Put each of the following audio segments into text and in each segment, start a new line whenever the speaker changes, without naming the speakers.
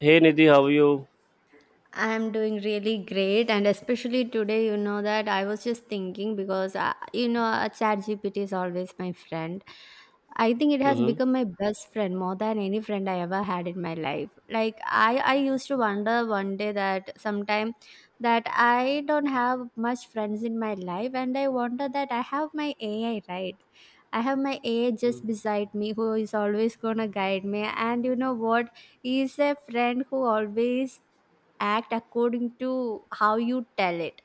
Hey Nidhi, how are you?
I'm doing really great, and especially today, you know that I was just thinking because ChatGPT is always my friend. I think it has
Mm-hmm.
become my best friend more than any friend I ever had in my life. Like I used to wonder one day that sometime that I don't have much friends in my life, and I wonder that I have my AI, right. I have my AI
Mm.
just beside me who is always gonna guide me, and you know what? He is a friend who always act according to how you tell it.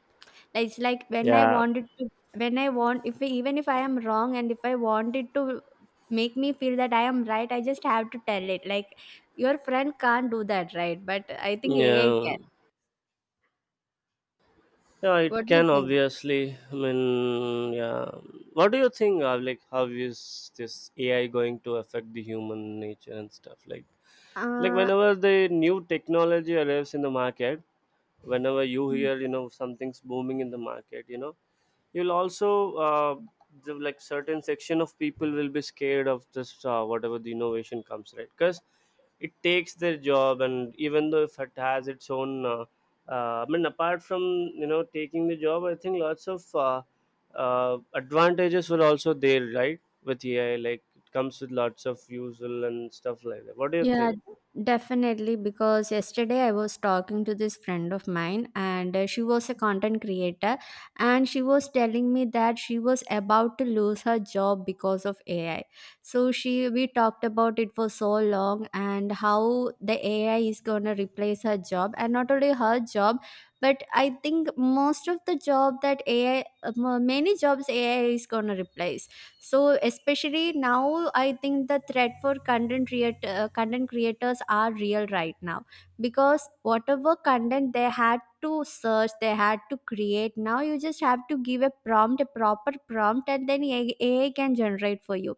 Like, It's like when I
Yeah,
wanted to, When I want, if even if I am wrong and if I wanted to make me feel that I am right, I just have to tell it. Like your friend can't do that, right? But I think AI
yeah,
can.
yeah, it
What do you
can
think?
obviously. Yeah. What do you think of how is this AI going to affect the human nature and stuff? Like
Uh,
whenever the new technology arrives in the market, whenever you hear, you know, something's booming in the market, you know, you'll also uh, the, like certain section of people will be scared of this, whatever the innovation comes, right? Because it takes their job, and even though if it has its own apart from, you know, taking the job, I think lots of advantages were also there, right, with AI, like it comes with lots of useful and stuff like that. What do you
Yeah,
think?
definitely. Because yesterday I was talking to this friend of mine, and she was a content creator, and she was telling me that she was about to lose her job because of AI. So she we talked about it for so long and how the AI is gonna replace her job, and not only her job, but I think most of the job that many jobs AI is gonna replace. So especially now I think the threat for content creators are real right now, because whatever content they had to search, they had to create. Now you just have to give a prompt a proper prompt, and then AI can generate for you.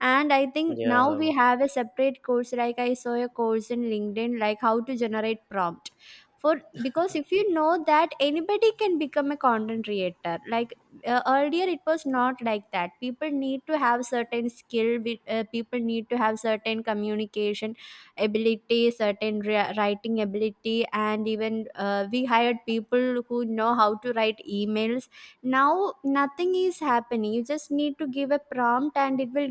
And I think now
Yeah.
we have a separate course, like I saw a course in LinkedIn, like how to generate prompt for, because if you know that anybody can become a content creator. Like earlier it was not like that. People need to have certain people need to have certain communication ability, certain writing ability, and even we hired people who know how to write emails. Now nothing is happening, you just need to give a prompt and it will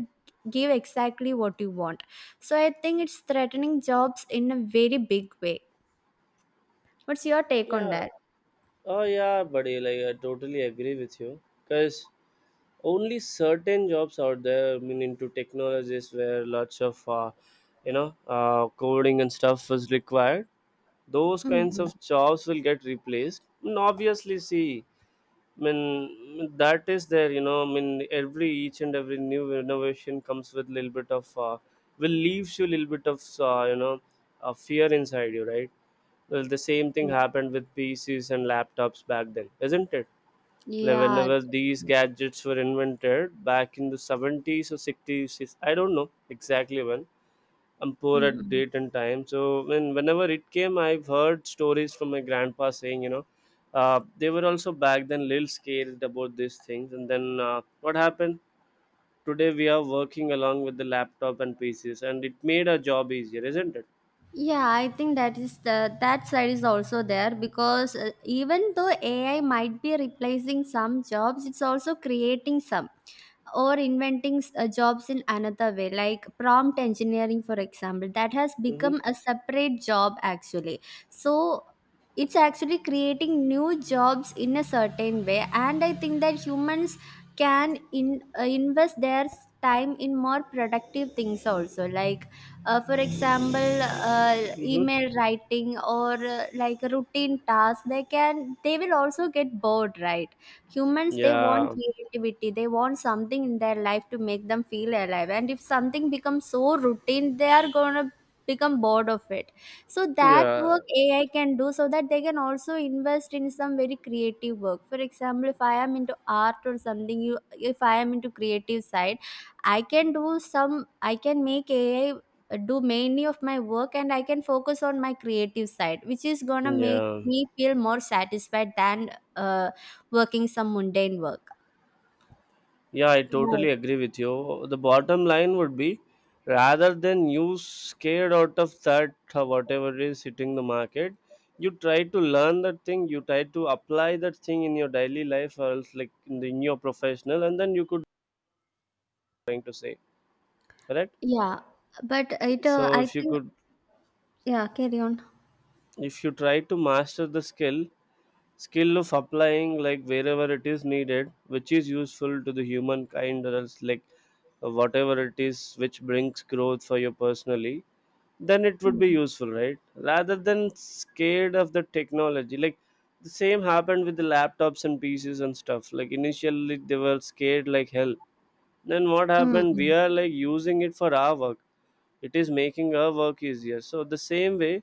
give exactly what you want. So I think it's threatening jobs in a very big way. What's your take on
Yeah.
that?
Oh yeah, buddy, like I totally agree with you. Cause only certain jobs out there, into technologies where lots of, you know, coding and stuff is required. Those kinds
Mhm.
of jobs will get replaced. And obviously, see, that is there. You know, every each and every new innovation comes with a little bit of, will leaves you a little bit of, you know, fear inside you, right? Well, the same thing happened with PCs and laptops back then, isn't it? Like
Yeah,
whenever these
yeah.
gadgets were invented back in the 70s or 60s, I don't know exactly when. I'm poor at
Mm.
date and time. So when whenever it came, I've heard stories from my grandpa saying, you know, they were also back then little scared about these things. And then what happened? Today we are working along with the laptop and PCs, and it made our job easier, isn't it?
Yeah, I think that is the that side is also there because even though AI might be replacing some jobs, it's also creating some or inventing jobs in another way, like prompt engineering, for example, that has
Mm-hmm.
become a separate job actually. So it's actually creating new jobs in a certain way, and I think that humans can in invest their time in more productive things also, like for example, uh,
Mm-hmm.
email writing or like a routine tasks. They can, they will also get bored, right? Humans, they want
Yeah.
creativity, they want something in their life to make them feel alive, and if something becomes so routine, they are going to become bored of it. So that
Yeah.
work AI can do, so that they can also invest in some very creative work. For example, if I am into art or something, you if I am into creative side, I can do some, I can make AI do mainly of my work, and I can focus on my creative side, which is gonna make
Yeah.
me feel more satisfied than uh, working some mundane work.
Yeah, I
Right.
totally agree with you. The bottom line would be, rather than you scared out of that, whatever is hitting the market, you try to learn that thing, you try to apply that thing in your daily life, or else like in the, in your professional, and then you could trying to say, correct?
Yeah. But it,
So
I
if you
think,
could,
yeah, carry on.
if you try to master the skill, skill of applying like wherever it is needed, which is useful to the humankind, or else like whatever it is which brings growth for you personally, then it would be
Mm.
useful, right, rather than scared of the technology. Like the same happened with the laptops and PCs and stuff. Like initially they were scared like hell, then what happened?
Mm.
We are like using it for our work, it is making our work easier. So the same way,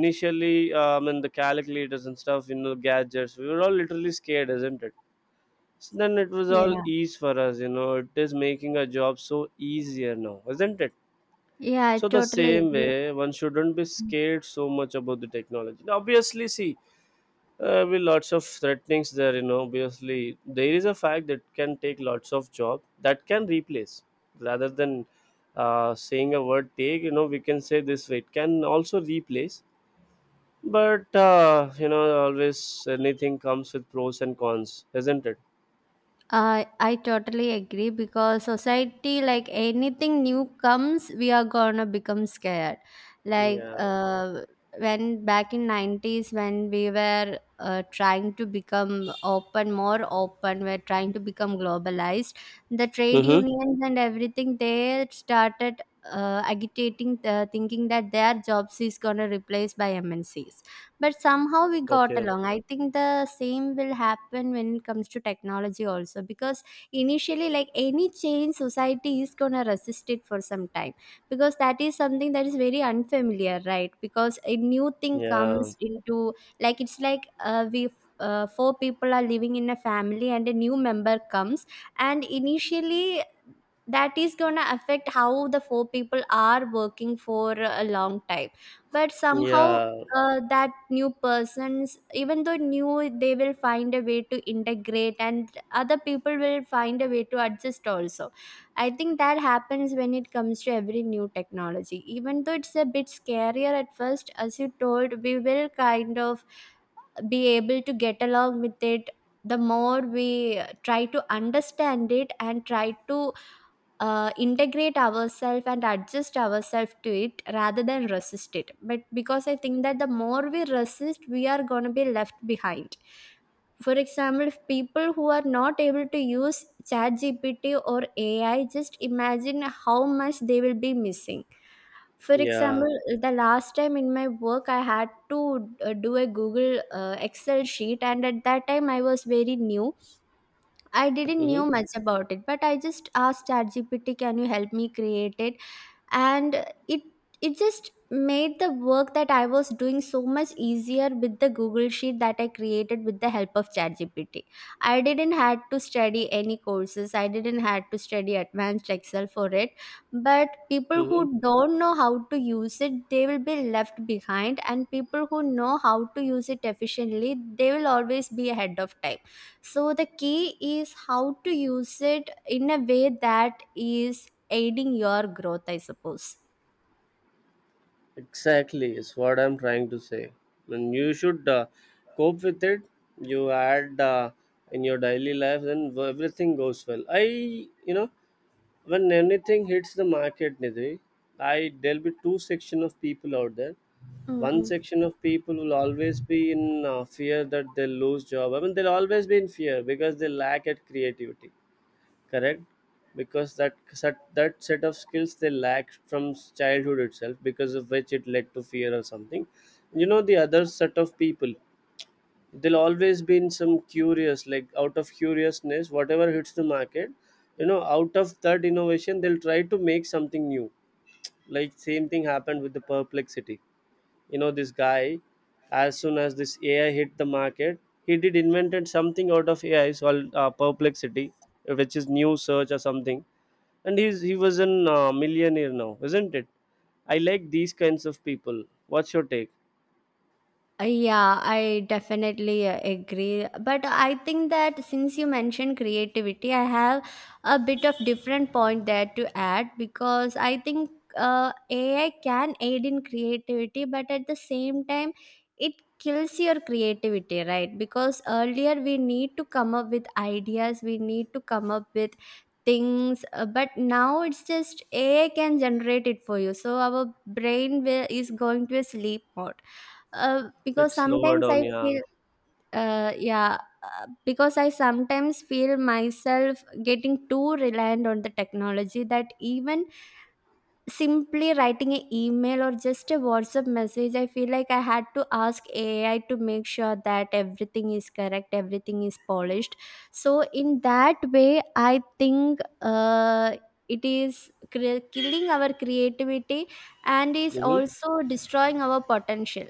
initially and the calculators and stuff, you know, gadgets, we were all literally scared, isn't it? So then it was all
Yeah.
ease for us, you know, it is making our job so easier now, isn't it?
Yeah, I
So the
totally
same
agree.
way, one shouldn't be scared so much about the technology. Now, obviously, see, with lots of threatenings there, you know, obviously there is a fact that can take lots of job, that can replace, rather than saying a word take, you know, we can say this way, it can also replace. But, you know, always anything comes with pros and cons, isn't it?
I totally agree because society, like anything new comes, we are gonna become scared. Like
Yeah.
when back in nineties, when we were trying to become open, more open, we're trying to become globalized. The trade
Mm-hmm.
unions and everything, they started agitating, thinking that their jobs is gonna replace by MNCs, but somehow we got
Okay.
along. I think the same will happen when it comes to technology also, because initially, like any change, society is going to resist it for some time, because that is something that is very unfamiliar, right? Because a new thing
Yeah.
comes into, like it's like we four people are living in a family and a new member comes, and initially that is going to affect how the four people are working for a long time. But somehow
Yeah.
that new persons, even though new, they will find a way to integrate, and other people will find a way to adjust also. I think that happens when it comes to every new technology. Even though it's a bit scarier at first, as you told, we will kind of be able to get along with it. The more we try to understand it and try to integrate ourselves and adjust ourselves to it rather than resist it. But because I think that the more we resist, we are going to be left behind. For example, if people who are not able to use ChatGPT or AI, just imagine how much they will be missing. For
Yeah.
example, the last time in my work, I had to do a Google Excel sheet, and at that time, I was very new. I didn't knew
Mm-hmm.
much about it, but I just asked ChatGPT, "Can you help me create it?" And it, it just made the work that I was doing so much easier with the Google sheet that I created with the help of ChatGPT. I didn't had to study any courses, I didn't had to study advanced Excel for it. But people who
Mm-hmm.
don't know how to use it, they will be left behind, and people who know how to use it efficiently, they will always be ahead of time. So the key is how to use it in a way that is aiding your growth, I suppose.
Exactly, is what I'm trying to say. And you should cope with it. You add in your daily life, then w- everything goes well. You know, when anything hits the market, Nidhi, I there'll be two section of people out there.
Mm,
One
mm.
section of people will always be in fear that they'll lose job. I mean, they'll always be in fear because they lack at creativity, correct? Because that set of skills they lacked from s- childhood itself, because of which it led to fear or something, you know. The other set of people, they'll always be in some curious, like out of curiousness, whatever hits the market, you know, out of that innovation they'll try to make something new. Like same thing happened with the perplexity, you know, this guy. As soon as this AI hit the market, he did invented something out of AI, it's called perplexity, which is new search or something. And he was a millionaire now, isn't it? I like these kinds of people. What's your take?
Yeah, I definitely agree. But I think that since you mentioned creativity, I have a bit of different point there to add, because I think AI can aid in creativity, but at the same time, it kills your creativity, right? Because earlier we need to come up with ideas, we need to come up with things, but now it's just AI can generate it for you. So our brain is going to a sleep mode, because
Let's slower
sometimes
down,
I
yeah.
feel, yeah, because I sometimes feel myself getting too reliant on the technology, that even simply writing an email or just a WhatsApp message, I feel like I had to ask AI to make sure that everything is correct, everything is polished. So, in that way, I think it is killing our creativity and is
Mm-hmm.
also destroying our potential.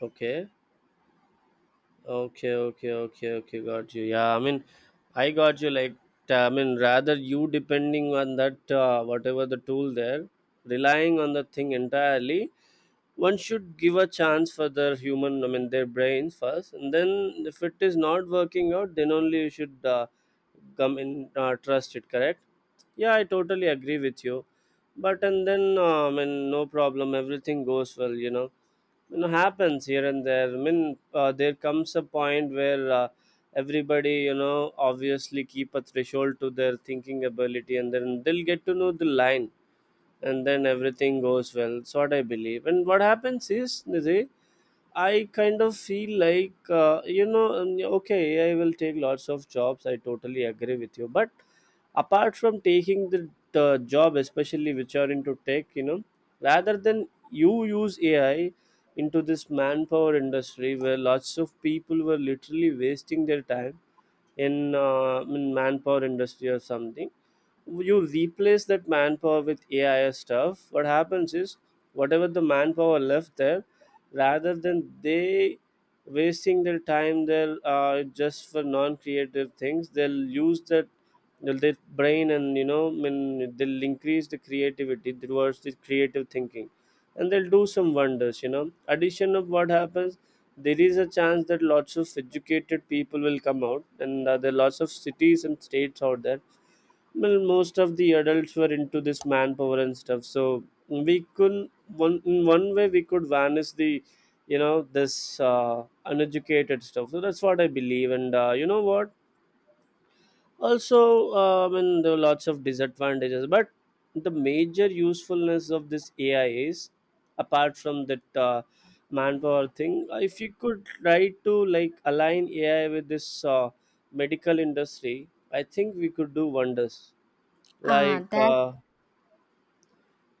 Okay. Okay, okay, okay, okay. Got you. I got you. I mean, rather you depending on that, whatever the tool there, relying on the thing entirely. One should give a chance for their human. I mean, their brains first, and then if it is not working out, then only you should come in trust it. Correct? Yeah, I totally agree with you. But and then no problem. Everything goes well. You know happens here and there, I mean, there comes a point where, everybody, you know, obviously keep a threshold to their thinking ability, and then they'll get to know the line, and then everything goes well. So what I believe, and what happens is, Nidhi, I kind of feel like, okay, I will take lots of jobs. I totally agree with you, but apart from taking the job, especially which are into tech, you know, rather than you use AI into this manpower industry where lots of people were literally wasting their time in manpower industry or something. You replace that manpower with AI stuff, what happens is, whatever the manpower left there, rather than they wasting their time there, just for non-creative things, they'll use that their brain, and you know, I mean, they'll increase the creativity towards the creative thinking, and they'll do some wonders. You know, addition of what happens. There is a chance that lots of educated people will come out, and there are lots of cities and states out there, well most of the adults were into this manpower and stuff. So we could, one in one way we could vanish the, you know, this uneducated stuff. So that's what I believe, and, you know what, also, there are lots of disadvantages, but the major usefulness of this AI is, apart from that, manpower thing, if you could try to like align AI with this, medical industry, I think we could do wonders.
Ah,
like
that.
uh,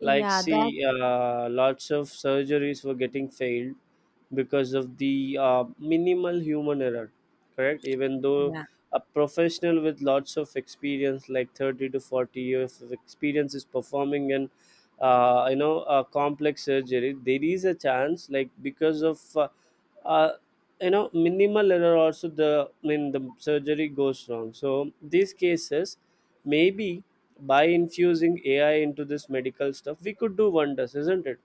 like
that,
see, lots of surgeries were getting failed because of the, minimal human error, correct? Even though a professional with lots of experience, like 30 to 40 years of experience, is performing an, you know, a complex surgery, there is a chance like because of, uh, you know, minimal error also the I mean the surgery goes wrong. So these cases maybe by infusing AI into this medical stuff, we could do wonders, isn't it?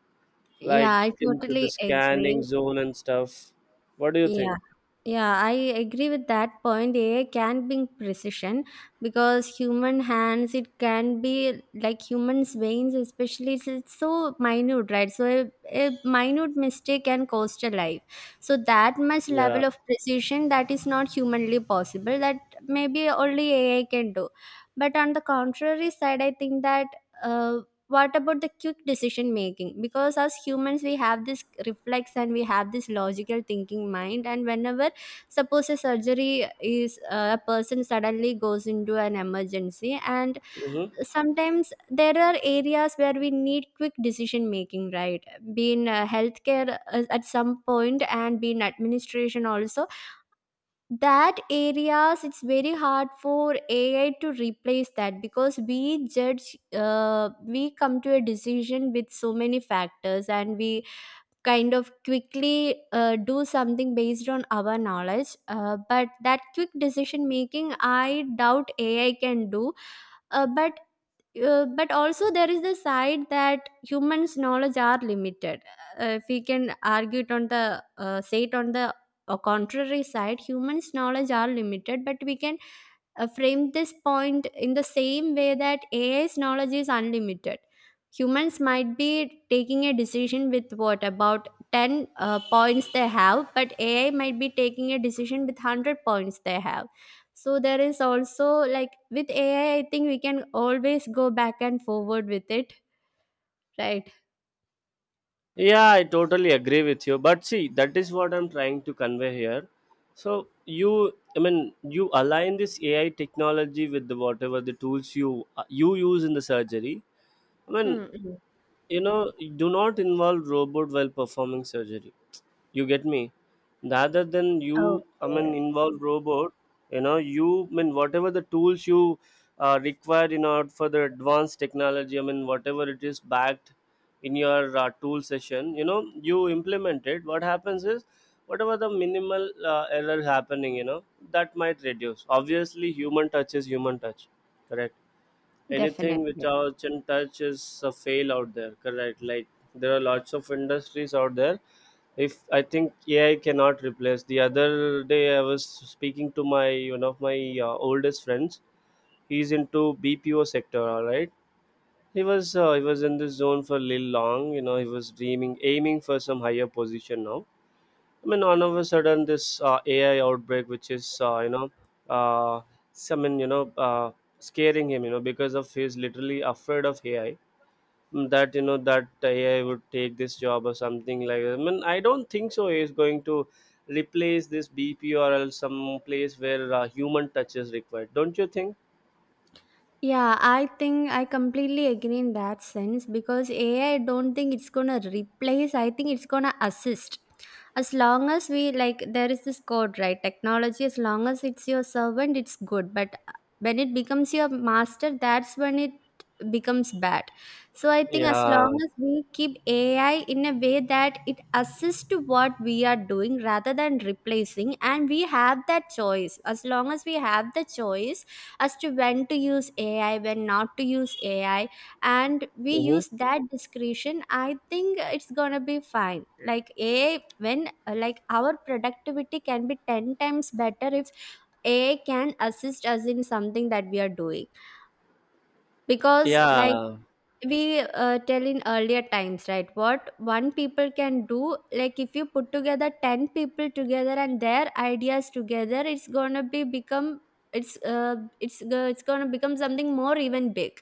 Like
yeah, I
into the
totally
scanning
agree.
zone and stuff. What do you
Yeah.
think?
Yeah, I agree with that point. AI can bring precision because human hands, it can be like humans' veins, especially it's so minute, right? So a minute mistake can cost a life. So that much
Yeah.
level of precision that is not humanly possible, that maybe only AI can do. But on the contrary side, I think that. Uh, what about the quick decision making? Because as humans, we have this reflex and we have this logical thinking mind, and whenever suppose a surgery is a person suddenly goes into an emergency, and
Hmm.
sometimes there are areas where we need quick decision making, right? Being healthcare at some point, and being administration also, that areas it's very hard for AI to replace that, because we judge we come to a decision with so many factors, and we kind of quickly do something based on our knowledge. Uh, but that quick decision making I doubt ai can do uh, but but also there is the side that humans knowledge are limited. If we can argue it on the say it on the contrary side, humans knowledge are limited, but we can framed this point in the same way, that AI's knowledge is unlimited. Humans might be taking a decision with what about 10 points they have, but AI might be taking a decision with 100 points they have. So there is also like with AI, I think we can always go back and forward with it, right?
Yeah, I totally agree with you. But see, that is what I'm trying to convey here. So you, I mean, you align this AI technology with the whatever the tools you you use in the surgery. I mean,
Mm, mm.
you know, do not involve robot while performing surgery. You get me? Rather than you, I mean,
Okay,
involve robot, you know, you, I mean, whatever the tools you require, in order for the advanced technology, I mean, whatever it is backed in your, tool session, you know, you implement it, what happens is, whatever the minimal, error happening, you know, that might reduce. Obviously human touch is human touch, correct? Anything
definitely.
without in touch is a fail out there, correct? Like there are lots of industries out there, if I think AI cannot replace. The other day I was speaking to my one of my oldest friends, he's into BPO sector, all right? He was in this zone for a little long, you know, he was dreaming aiming for some higher position. Now, I mean, all of a sudden, this AI outbreak, which is, uh, I mean, you know, scaring him, you know, because of he's literally afraid of AI. That, you know, that AI would take this job or something like that. I mean, I don't think so. He's going to replace this BP, or else some place where human touch is required. Don't you think?
Yeah, I think I completely agree in that sense, because AI, don't think it's gonna replace, I think it's gonna assist. As long as we like, there is this code, right? Technology, as long as it's your servant, it's good. But when it becomes your master, that's when it becomes bad. So I think as
Yeah.
long as we keep AI in a way that it assists to what we are doing rather than replacing, and we have that choice. As long as we have the choice, as to when to use AI, when not to use AI, and we
Mm-hmm.
use that discretion, I think it's gonna be fine. Like AI, when like our productivity can be ten times better if AI can assist us in something that we are doing. Because like
Yeah.
we tell in earlier times, right, what one people can do. Like if you put together 10 people together and their ideas together, it's gonna be become it's gonna become something more even big.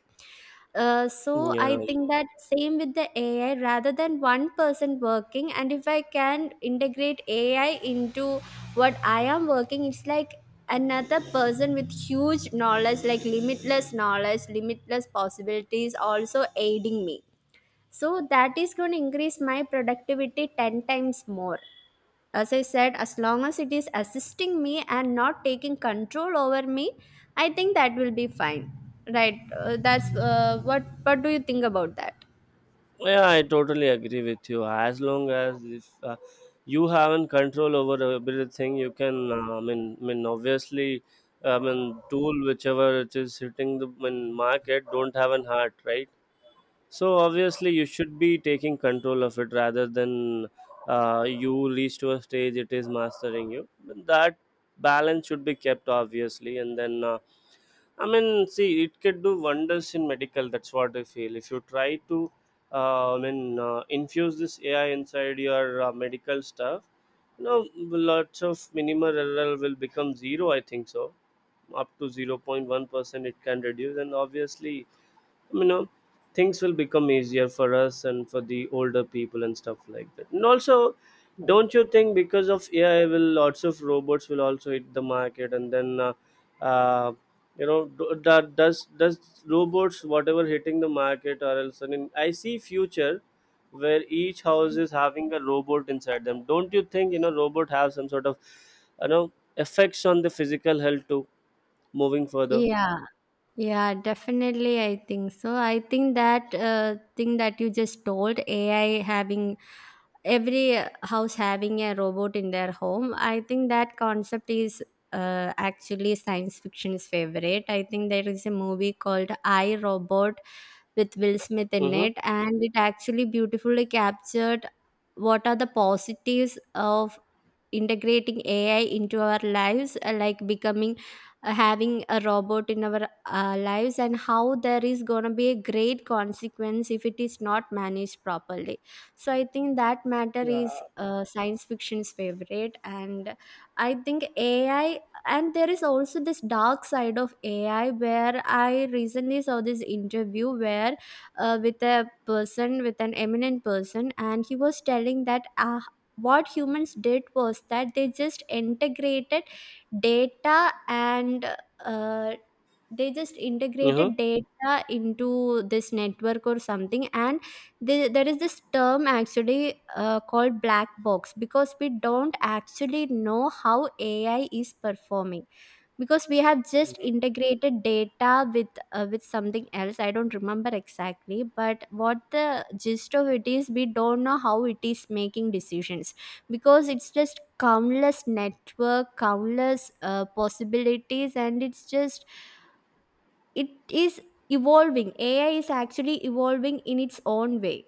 So I
Yeah.
think that same with the AI, rather than one person working, and if I can integrate AI into what I am working, it's like another person with huge knowledge, like limitless knowledge, limitless possibilities, also aiding me. So that is going to increase my productivity 10 times more. As I said, as long as it is assisting me and not taking control over me, I think that will be fine, right? That's, what do you think about that?
Yeah, I totally agree with you. As long as if you haven't control over everything, you can. Obviously, I mean, tool whichever it is hitting the, market, don't have an heart, right? So obviously, you should be taking control of it rather than you reach to a stage it is mastering you. But that balance should be kept obviously, and then. I mean, see, it can do wonders in medical. That's what I feel. If you try to, I mean, infuse this AI inside your medical stuff, lots of minimal error will become zero. I think so, up to 0.1% it can reduce, and obviously, you know things will become easier for us and for the older people and stuff like that. And also, don't you think, because of AI will lots of robots will also hit the market? And then uh, you know do- that does robots whatever hitting the market, or else I mean, I see future where each house is having a robot inside them. Don't you think, robot have some sort of you know effects on the physical health too, moving further.
Yeah. Yeah, definitely, I think so. I think that thing that you just told, AI having every house having a robot in their home, I think that concept is actually science fiction's favorite. I think there is a movie called I Robot with Will Smith in
Mm-hmm.
it, and it actually beautifully captured what are the positives of integrating AI into our lives, like becoming, having a robot in our lives, and how there is going to be a great consequence if it is not managed properly. So I think that matter is science fiction's favorite. And I think AI, and there is also this dark side of AI where I recently saw this interview where, with a person, with an eminent person, and he was telling that what humans did was that they just integrated data and uh, they just
Mm-hmm.
integrated data into this network or something. And there is this term actually called black box, because we don't actually know how AI is performing, because we have just integrated data with something else. I don't remember exactly, but what the gist of it is, we don't know how it is making decisions, because it's just countless network, countless possibilities, and it's just it is evolving. AI is actually evolving in its own way.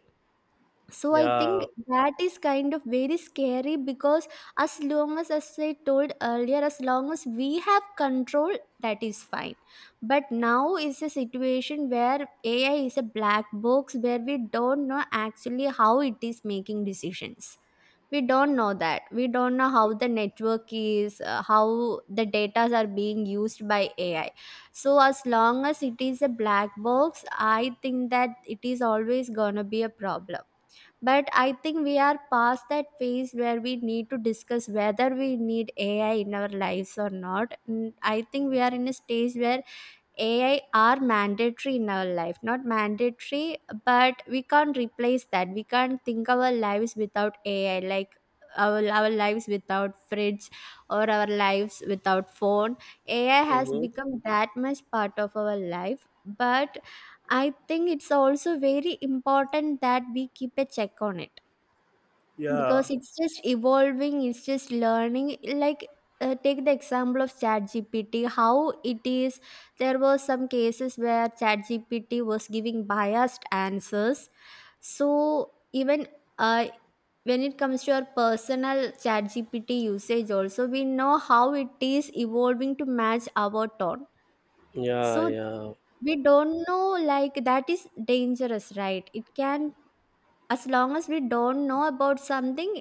So I think
Yeah.
that is kind of very scary, because as long as I told earlier, as long as we have control, that is fine. But now is a situation where AI is a black box, where we don't know actually how it is making decisions. We don't know that. We don't know how the network is, how the data are being used by AI. So as long as it is a black box, I think that it is always gonna be a problem. But I think we are past that phase where we need to discuss whether we need AI in our lives or not. Mm, I think we are in a stage where AI are mandatory in our life. Not mandatory, but we can't replace that. We can't think our lives without AI, like our lives without fridge or our lives without phone. AI has
Mm-hmm.
become that much part of our life. But I think it's also very important that we keep a check on it,
Yeah.
because it's just evolving, it's just learning. Like take the example of ChatGPT. How it is, there were some cases where ChatGPT was giving biased answers. So even uh, when it comes to our personal ChatGPT usage, also we know how it is evolving to match our tone.
Yeah,
So
yeah,
we don't know, like, that is dangerous, right? It can, as long as we don't know about something,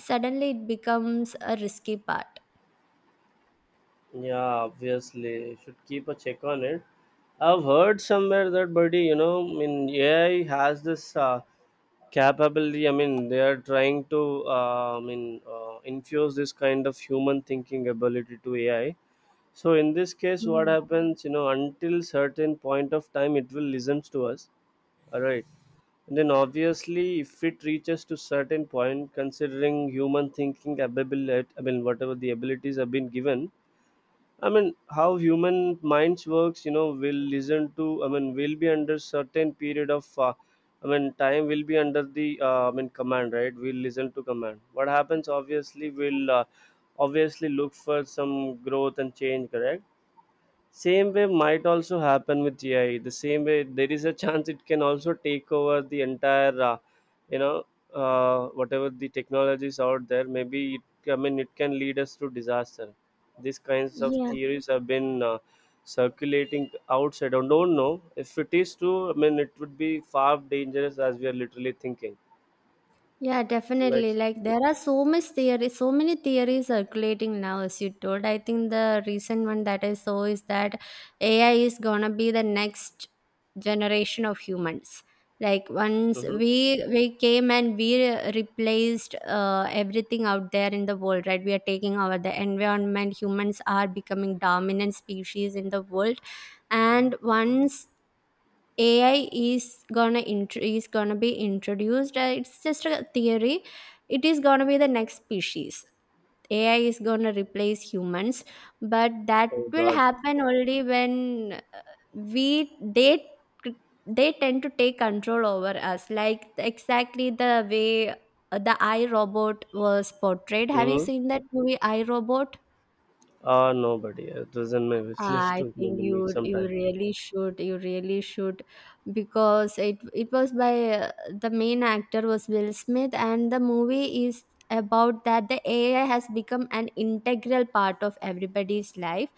suddenly it becomes a risky part.
yeah. Obviously, should keep a check on it. I've heard somewhere that, buddy, I mean, AI has this capability. I mean, they are trying to, I mean, infuse this kind of human thinking ability to AI. So in this case, what happens? Until certain point of time, it will listen to us. All right. And then obviously, if it reaches to certain point, considering human thinking ability, I mean, whatever the abilities have been given, I mean, how human minds works, will listen to, I mean, will be under certain period of, I mean, time, will be under the, I mean, command, right? We'll listen to command. What happens, obviously, will obviously look for some growth and change, correct? Same way might also happen with AI. The same way, there is a chance it can also take over the entire, you know, whatever the technologies out there. Maybe it, I mean, it can lead us to disaster. These kinds of
Yeah,
theories have been circulating outside. I don't know if it is true. I mean, it would be far dangerous as we are literally thinking.
yeah,
Like,
definitely. Like there are so much theories, so many theories circulating now, as you told. I think the recent one that I saw is that AI is gonna be the next generation of humans. Like once
hmm,
we came and we replaced everything out there in the world, right? We are taking over the environment. Humans are becoming dominant species in the world, and once AI is gonna is gonna be introduced. It's just a theory. It is gonna be the next species. AI is gonna replace humans, but that
oh
will
God.
happen only when we they tend to take control over us. Like exactly the way the iRobot was portrayed. Have you
Mm-hmm.
seen that movie iRobot?
Nobody. It was in my wish list
I
to
think
maybe meet
you
sometime.
really should, you really should, because it was by the main actor was Will Smith, and the movie is about that the AI has become an integral part of everybody's life.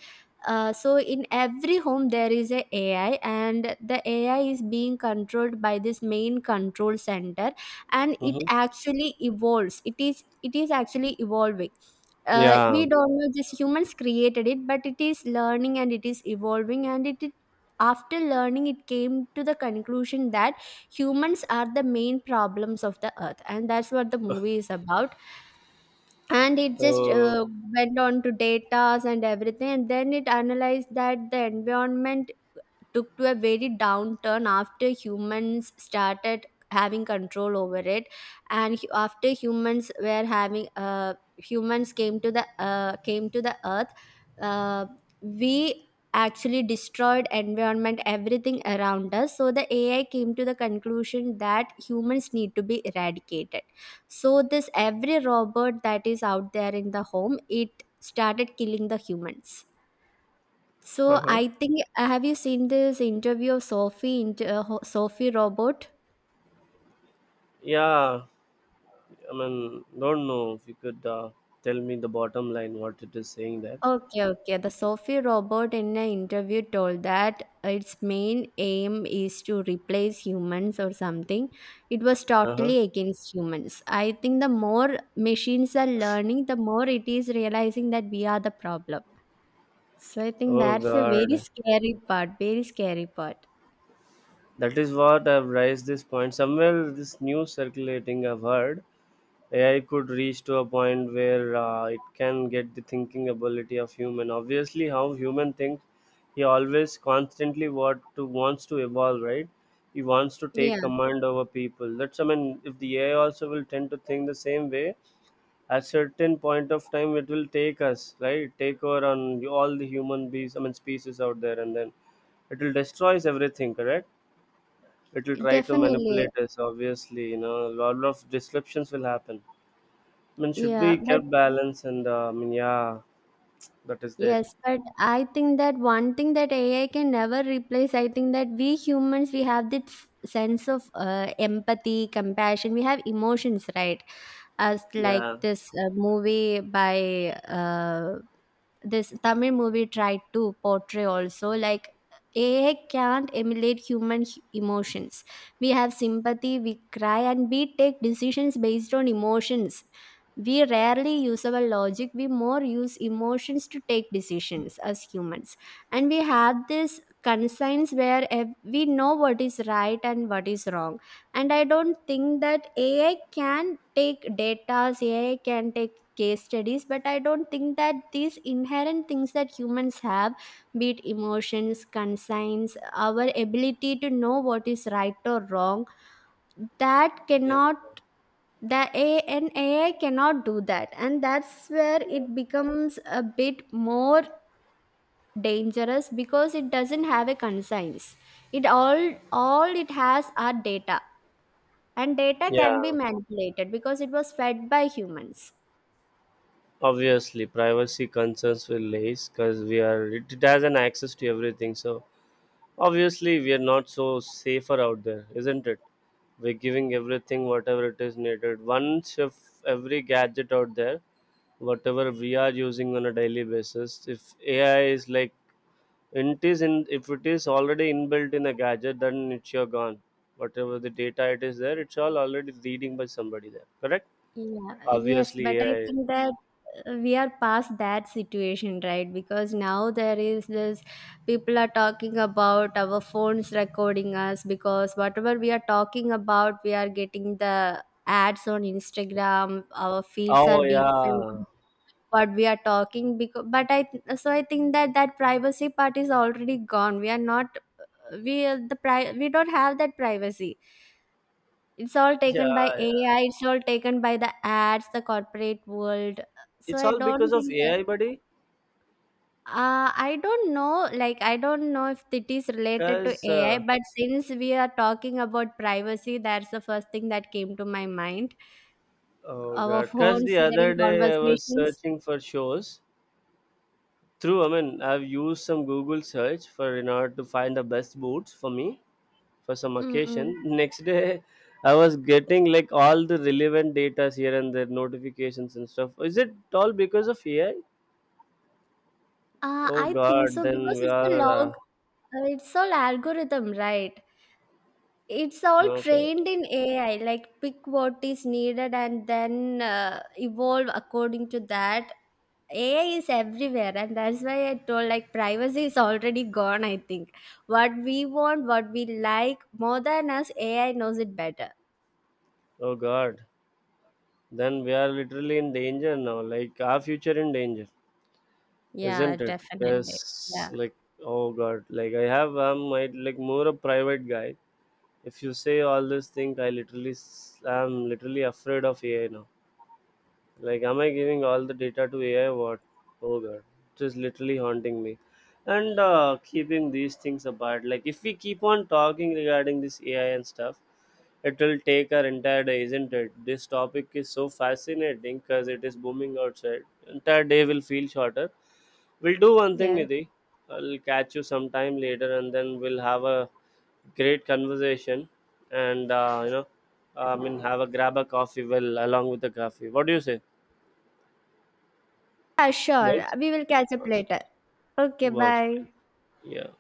So in every home there is a AI, and the AI is being controlled by this main control center, and it
Mm-hmm.
actually evolves. It is, it is actually evolving.
Yeah.
We don't know, just humans created it, but it is learning and it is evolving, and it after learning, it came to the conclusion that humans are the main problems of the earth, and that's what the movie is about. And it just
So.
went on to datas and everything, and then it analyzed that the environment took to a very downturn after humans started having control over it. And after humans were having humans came to the earth, uh, we actually destroyed environment, everything around us. So the AI came to the conclusion that humans need to be eradicated. So this every robot that is out there in the home, it started killing the humans. So
Uh-huh.
I think, have you seen this interview of Sophie Sophie Robot?
Yeah, I mean, don't know if you could tell me the bottom line what it is saying there.
Okay, okay. The Sophie robot in an interview told that its main aim is to replace humans or something. It was
Uh-huh.
totally against humans. I think the more machines are learning, the more it is realizing that we are the problem. So I think
Oh
that's a very
God,
scary part, very scary part.
that is what I've raised this point. Somewhere this news circulating, I've heard AI could reach to a point where it can get the thinking ability of human. Obviously, how human thinks, he always constantly what to wants to evolve, right? He wants to
Yeah,
take command over people. That's, I mean, if the AI also will tend to think the same way, at certain point of time it will take us, right, take over on all the human beings, I mean, species out there, and then it will destroys everything, correct? It will try to
definitely.
manipulate us, obviously. A lot of disruptions will happen. I mean, should
Yeah,
be
but
kept balance. And I mean, yeah, that is there.
yes, but I think that one thing that AI can never replace, I think that we humans, we have this sense of empathy, compassion, we have emotions, right? As like
Yeah.
this movie by this Tamil movie tried to portray also, like AI can't emulate human emotions. We have sympathy, we cry, and we take decisions based on emotions. We rarely use our logic, we more use emotions to take decisions as humans. And we have this conscience where we know what is right and what is wrong. And I don't think that AI can take data, AI can take case studies, but I don't think that these inherent things that humans have, be it emotions, consigns, our ability to know what is right or wrong, that
Yeah.
cannot, the a and AI cannot do that. And that's where
Yeah.
it becomes a bit more dangerous, because it doesn't have a conscience. It all it has are data, and data can be
Yeah,
manipulated because it was fed by humans.
obviously privacy concerns will raise because it has an access to everything. So obviously, we are not so safer out there, isn't it? We're giving everything, whatever it is needed. Once if every gadget out there, whatever we are using on a daily basis, if AI is like, it is in, if it is already inbuilt in a gadget, then it's your gone. Whatever the data it is there, it's all already reading by somebody there. Correct?
Yeah, yes, but
Obviously,
I
AI.
think that we are past that situation, right? Because now there is this, people are talking about our phones recording us, because whatever we are talking about, we are getting the ads on Instagram, our feeds are
Oh
being filled
yeah,
with what we are talking, because. But I th- so I think that that privacy part is already gone. We are not, we don't have that privacy. It's all
yeah,
taken by
yeah.
AI, it's all taken by the ads, the corporate world. So
It's
I
all
don't
because of
think that,
AI, buddy.
I don't know, like, I don't know if it is related to
Because
AI, but since we are talking about privacy, that's the first thing that came to my mind.
oh
Our
god, cause
phones
the
hearing
other day I was
conversations.
searching for shows. Through, I mean, I've used some Google search for in order to find the best boots for me for some
Mm-mm.
occasion. Next day, I was getting like all the relevant data here and there, notifications and stuff. Is it all because of AI? Oh
I think
god,
so,
then
because
we
it's a
are
log, it's all algorithm, right? It's all
okay.
trained in AI, like pick what is needed and then evolve according to that. AI is everywhere, and that's why I told, like, privacy is already gone. I think what we want, what we like more than us, AI knows it better.
Oh god, then we are literally in danger now. Like our future in danger.
Yeah,
Isn't it? Yes.
definitely. Yeah.
Like, oh god, like I'm my like more a private guy. If you say all this thing, I'm literally afraid of AI now. Like, am I giving all the data to AI? What? Oh god, it is literally haunting me. And keeping these things apart, like, if we keep on talking regarding this AI and stuff, it will take our entire day, isn't it? This topic is so fascinating because it is booming outside. Entire day will feel shorter. We'll do one thing,
Yeah,
Nidhi. I'll catch you sometime later, and then we'll have a great conversation. And I mean, have a grab a coffee, well, along with the coffee, what do you say?
yeah, sure.
Works,
We will catch up
works,
later. Okay,
works fine.
bye.
Yeah.